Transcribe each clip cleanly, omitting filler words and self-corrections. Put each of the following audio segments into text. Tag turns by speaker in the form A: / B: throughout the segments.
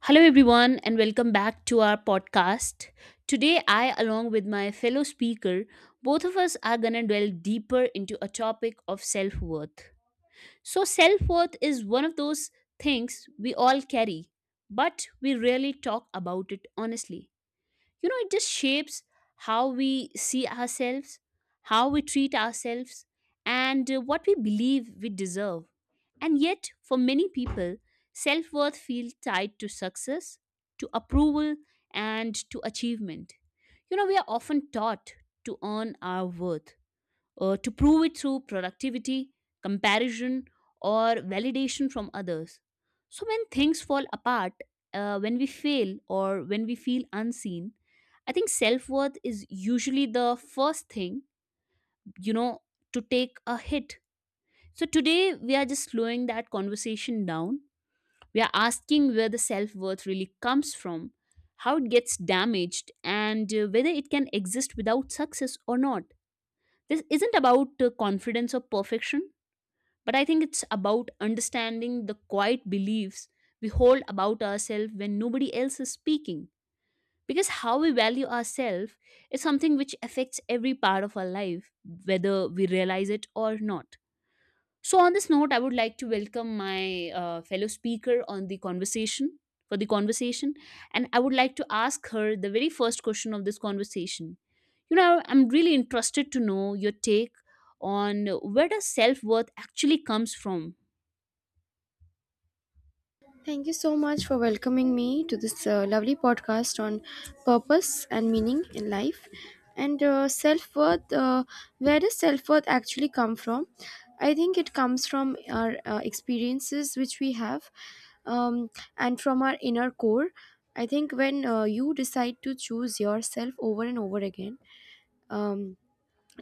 A: Hello, everyone, and welcome back to our podcast. Today, I, along with my fellow speaker, both of us are going to delve deeper into a topic of self worth. So, self worth is one of those things we all carry, but we rarely talk about it honestly. You know it just shapes how we see ourselves, how we treat ourselves, and what we believe we deserve. And yet for many people, self-worth feels tied to success, to approval, and to achievement. You know we are often taught to earn our worth, to prove it through productivity, comparison, or validation from others. So, when things fall apart, when we fail, or when we feel unseen, I think self worth is usually the first thing, you know, to take a hit. So, today we are just slowing that conversation down. We are asking where the self worth really comes from, how it gets damaged, and whether it can exist without success or not. This isn't about confidence or perfection, but I think it's about understanding the quiet beliefs we hold about ourselves when nobody else is speaking. Because how we value ourselves is something which affects every part of our life, whether we realize it or not. So, on this note, I would like to welcome my fellow speaker on the conversation for the conversation, and I would like to ask her the very first question of this conversation. You know, I'm really interested to know your take on where does self worth actually comes from.
B: Thank you so much for welcoming me to this lovely podcast on purpose and meaning in life and self worth. Where does self worth actually come from? I think it comes from our experiences which we have, um, and from our inner core. I think when you decide to choose yourself over and over again, um,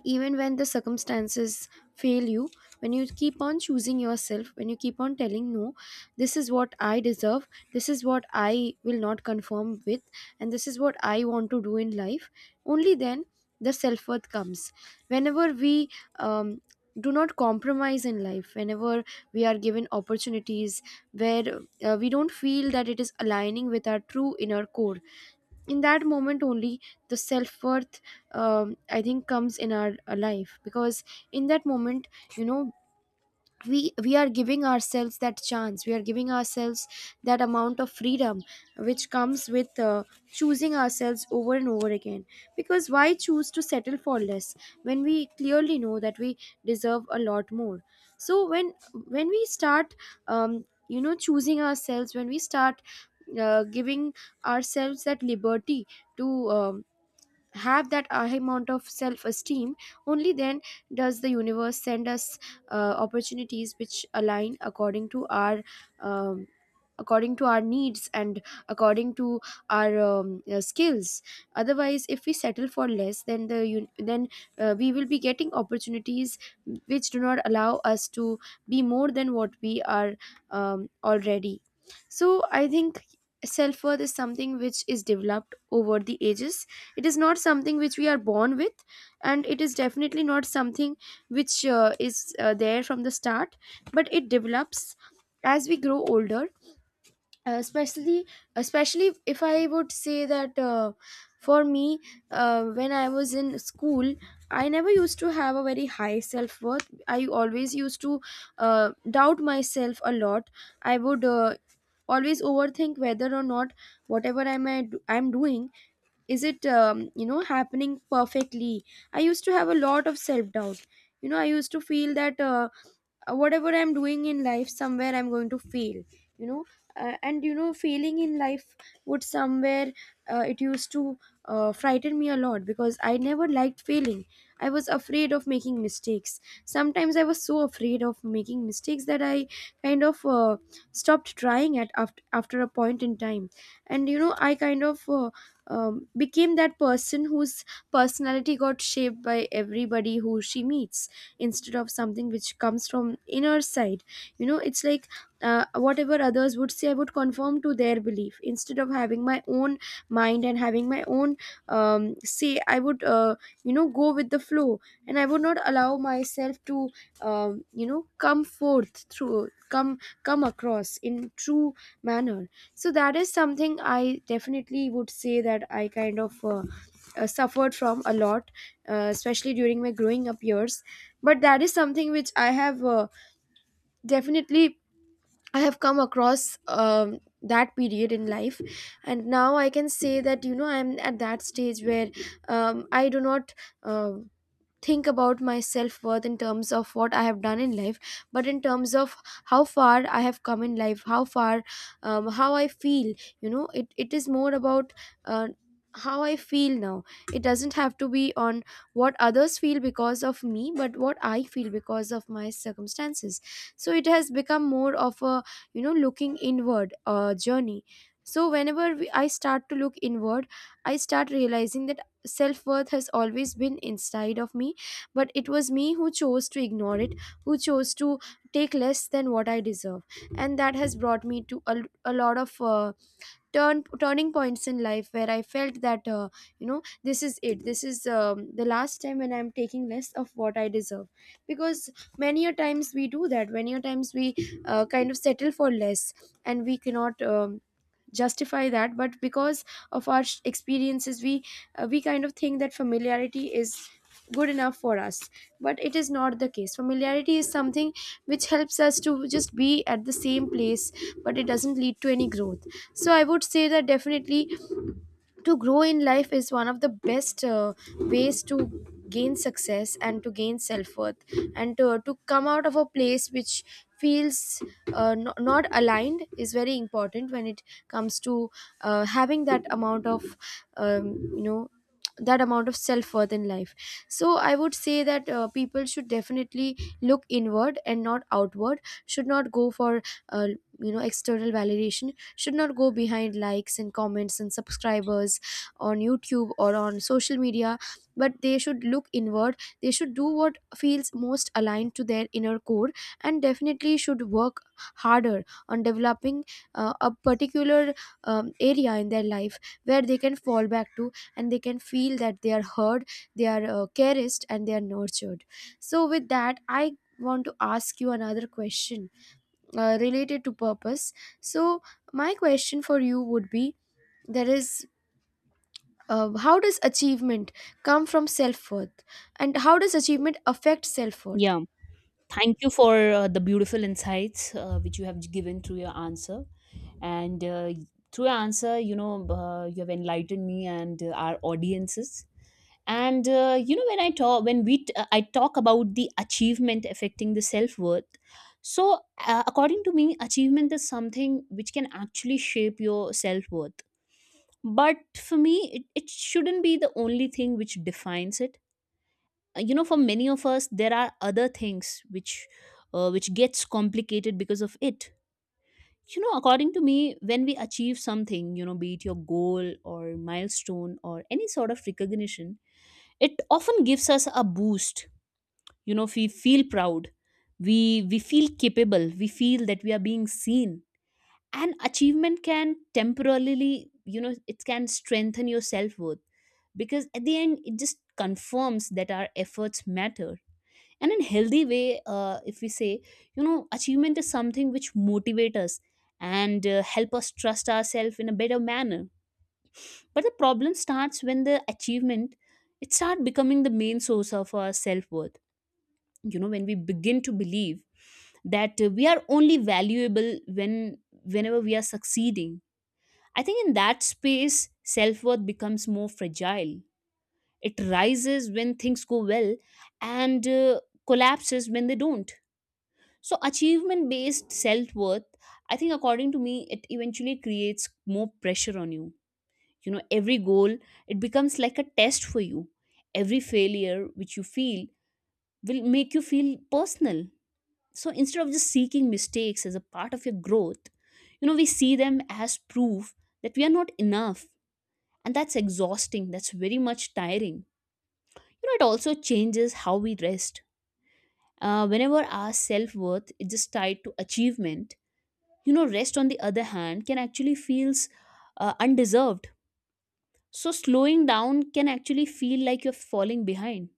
B: even when the circumstances fail you, when you keep on choosing yourself, when you keep on telling no, this is what I deserve, this is what I will not conform with, and this is what I want to do in life, only then the self-worth comes. Whenever we um, do not compromise in life, whenever we are given opportunities where we don't feel that it is aligning with our true inner core, in that moment only the self-worth, I think, comes in our life. Because in that moment, you know, we are giving ourselves that chance, we are giving ourselves that amount of freedom which comes with choosing ourselves over and over again. Because why choose to settle for less when we clearly know that we deserve a lot more? So when we start, you know, choosing ourselves, when we start giving ourselves that liberty to have that amount of self esteem, only then does the universe send us opportunities which align according to our, um, according to our needs, and according to our skills. Otherwise, if we settle for less, then then we will be getting opportunities which do not allow us to be more than what we are already. So I think self worth is something which is developed over the ages. It is not something which we are born with, and it is definitely not something which is there from the start, but it develops as we grow older. Especially, especially if I would say that, for me, when I was in school, I never used to have a very high self worth. I always used to doubt myself a lot. I would always overthink whether or not whatever I'm I am I'm doing, is it, you know, happening perfectly. I used to have a lot of self doubt. You know, I used to feel that whatever I'm doing in life, somewhere I'm going to fail, you know. And you know, failing in life would somewhere, it used to frighten me a lot because I never liked failing. I was afraid of making mistakes. Sometimes I was so afraid of making mistakes that I kind of stopped trying at after a point in time. And you know, I kind of became that person whose personality got shaped by everybody who she meets, instead of something which comes from inner side. You know, it's like, whatever others would say, I would conform to their belief instead of having my own mind and having my own, say. I would you know, go with the flow, and I would not allow myself to, you know, come forth through come come across in true manner. So that is something I definitely would say that I kind of suffered from a lot, especially during my growing up years. But that is something which I have, definitely I have come across, that period in life. And now I can say that, you know, I'm at that stage where, I do not uh, think about my self worth in terms of what I have done in life, but in terms of how far I have come in life, how far, how I feel. You know, it is more about uh, how I feel now. It doesn't have to be on what others feel because of me, but what I feel because of my circumstances. So it has become more of a, you know, looking inward journey. So whenever I start to look inward, I start realizing that self worth has always been inside of me, but it was me who chose to ignore it, who chose to take less than what I deserve. And that has brought me to a lot of turning points in life where I felt that, you know, this is it. This is, the last time when I'm taking less of what I deserve. Because many a times we do that. Many a times we kind of settle for less, and we cannot. Justify that, but because of our experiences, we we kind of think that familiarity is good enough for us. But it is not the case. Familiarity is something which helps us to just be at the same place, but it doesn't lead to any growth. So I would say that definitely to grow in life is one of the best ways to gain success and to gain self-worth. And to come out of a place which feels no, not aligned is very important when it comes to having that amount of, you know, that amount of self worth in life. So I would say that people should definitely look inward and not outward. Should not go for uh, you know, external validation. Should not go behind likes and comments and subscribers on YouTube or on social media. But they should look inward. They should do what feels most aligned to their inner core, and definitely should work harder on developing a particular area in their life where they can fall back to, and they can feel that they are heard, they are cherished, and they are nurtured. So with that, I want to ask you another question related to purpose. So my question for you would be, there is how does achievement come from self-worth, and how does achievement affect self-worth?
A: Yeah, thank you for the beautiful insights which you have given through your answer. And through your answer, you have enlightened me and our audiences. And you know, when I talk, I talk about the achievement affecting the self worth. So, according to me, achievement is something which can actually shape your self worth. But for me, it shouldn't be the only thing which defines it. You know, for many of us there are other things which gets complicated because of it. You know, according to me, when we achieve something, you know, be it your goal or milestone or any sort of recognition, it often gives us a boost. You know, we feel proud, we feel capable, we feel that we are being seen. And achievement can temporarily, you know, it can strengthen your self-worth, because at the end it just confirms that our efforts matter. And in healthy way, if we say, you know, achievement is something which motivate us and help us trust ourselves in a better manner. But the problem starts when the achievement, it start becoming the main source of our self-worth. You know, when we begin to believe that we are only valuable when whenever we are succeeding, I think in that space self-worth becomes more fragile. It rises when things go well, and collapses when they don't. So, achievement based self worth, I think, according to me, it eventually creates more pressure on you. You know, every goal, it becomes like a test for you. Every failure which you feel will make you feel personal. So, instead of just seeking mistakes as a part of your growth, you know, we see them as proof that we are not enough. And that's exhausting. That's very much tiring. You know, it also changes how we rest. Whenever our self worth is just tied to achievement, you know, rest on the other hand can actually feels undeserved. So slowing down can actually feel like you're falling behind.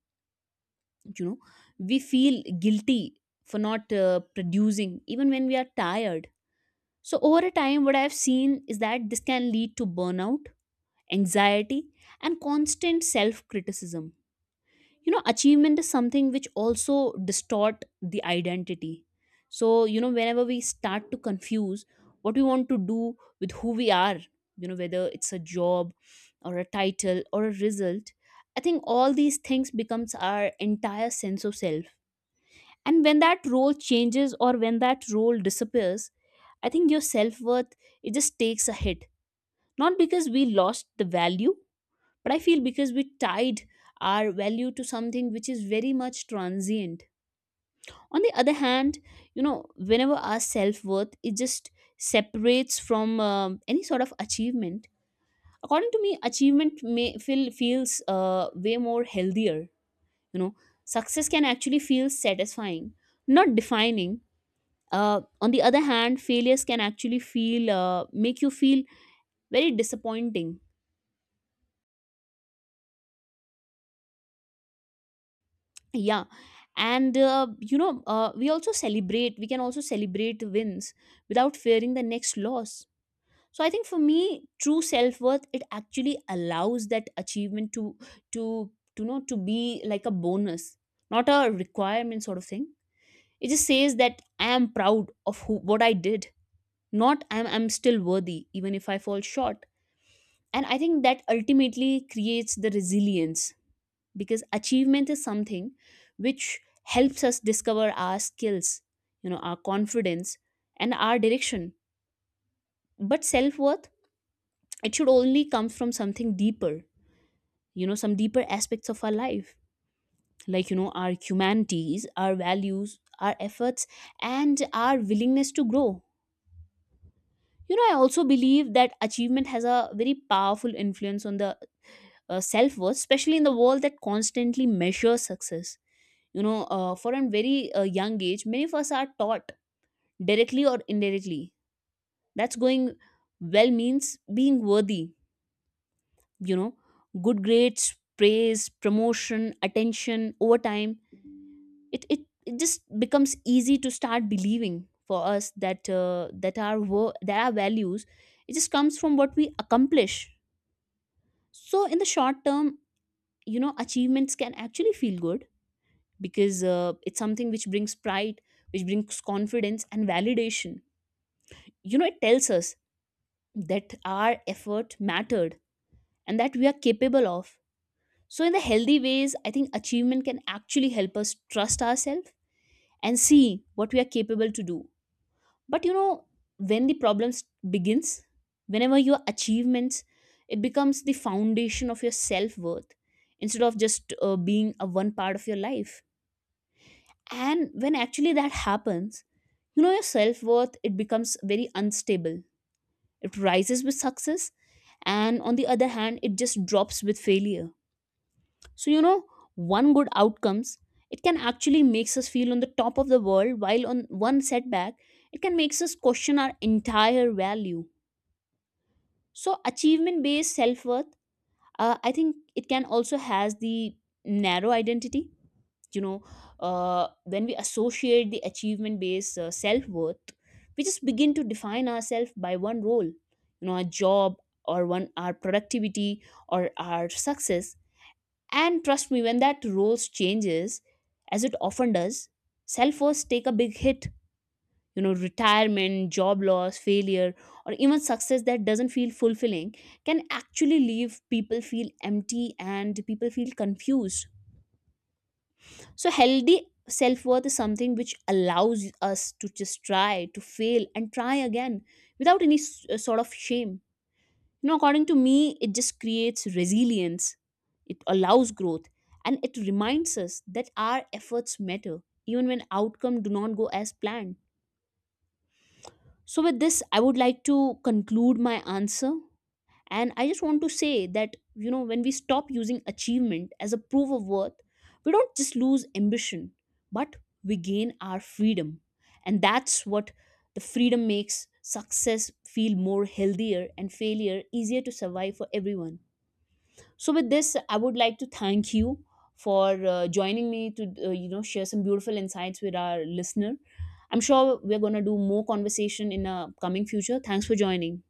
A: You know, we feel guilty for not producing even when we are tired. So over a time what I've seen is that this can lead to burnout, anxiety, and constant self criticism. You know, achievement is something which also distort the identity. So, you know, whenever we start to confuse what we want to do with who we are, you know, whether it's a job or a title or a result, I think all these things becomes our entire sense of self. And when that role changes or when that role disappears, I think your self-worth it just takes a hit, not because we lost the value, but I feel because we tied our value to something which is very much transient. On the other hand, you know, whenever our self worth it just separates from any sort of achievement. According to me, achievement may feels way more healthier. You know, success can actually feel satisfying, not defining. On the other hand, failures can actually feel make you feel very disappointing, yeah. And we can also celebrate wins without fearing the next loss. So I think for me true self-worth it actually allows that achievement to to know to be like a bonus, not a requirement sort of thing. It just says that I am proud of who what I did, not I'm still worthy even if I fall short. And I think that ultimately creates the resilience, because achievement is something which helps us discover our skills, you know, our confidence, and our direction. But self worth, it should only come from something deeper, you know, some deeper aspects of our life, like, you know, our humanities, our values, our efforts, and our willingness to grow. You know, I also believe that achievement has a very powerful influence on the self worth, especially in the world that constantly measures success. You know, for a very young age, many of us are taught directly or indirectly. That's going well means being worthy, you know, good grades, praise, promotion, attention over time. It, it, it just becomes easy to start believing for us that that our values it just comes from what we accomplish. So in the short term, you know, achievements can actually feel good, because it's something which brings pride, which brings confidence and validation. You know, it tells us that our effort mattered and that we are capable of. So in the healthy ways I think achievement can actually help us trust ourselves and see what we are capable to do. But, you know, when the problems begins, whenever your achievements it becomes the foundation of your self-worth, instead of just being a one part of your life. And when actually that happens, you know, your self-worth it becomes very unstable. It rises with success, and on the other hand it just drops with failure. So, you know, one good outcomes, it can actually makes us feel on the top of the world, while on one setback it can makes us question our entire value. So achievement based self-worth, I think it can also has the narrow identity. You know, when we associate the achievement based self-worth, we just begin to define ourselves by one role, you know, a job or one, our productivity or our success. And trust me, when that role changes, as it often does, self-worth take a big hit. You know, retirement, job loss, failure, or even success that doesn't feel fulfilling can actually leave people feel empty and people feel confused. So, healthy self worth is something which allows us to just try, to fail, and try again without any sort of shame. You know, according to me, it just creates resilience, it allows growth, and it reminds us that our efforts matter, even when outcome do not go as planned. So, with this, I would like to conclude my answer, and I just want to say that, you know, when we stop using achievement as a proof of worth, we don't just lose ambition, but we gain our freedom. And that's what, the freedom makes success feel more healthier and failure easier to survive for everyone. So with this I would like to thank you for joining me to you know share some beautiful insights with our listener. I'm sure we're going to do more conversation in a coming future. Thanks for joining.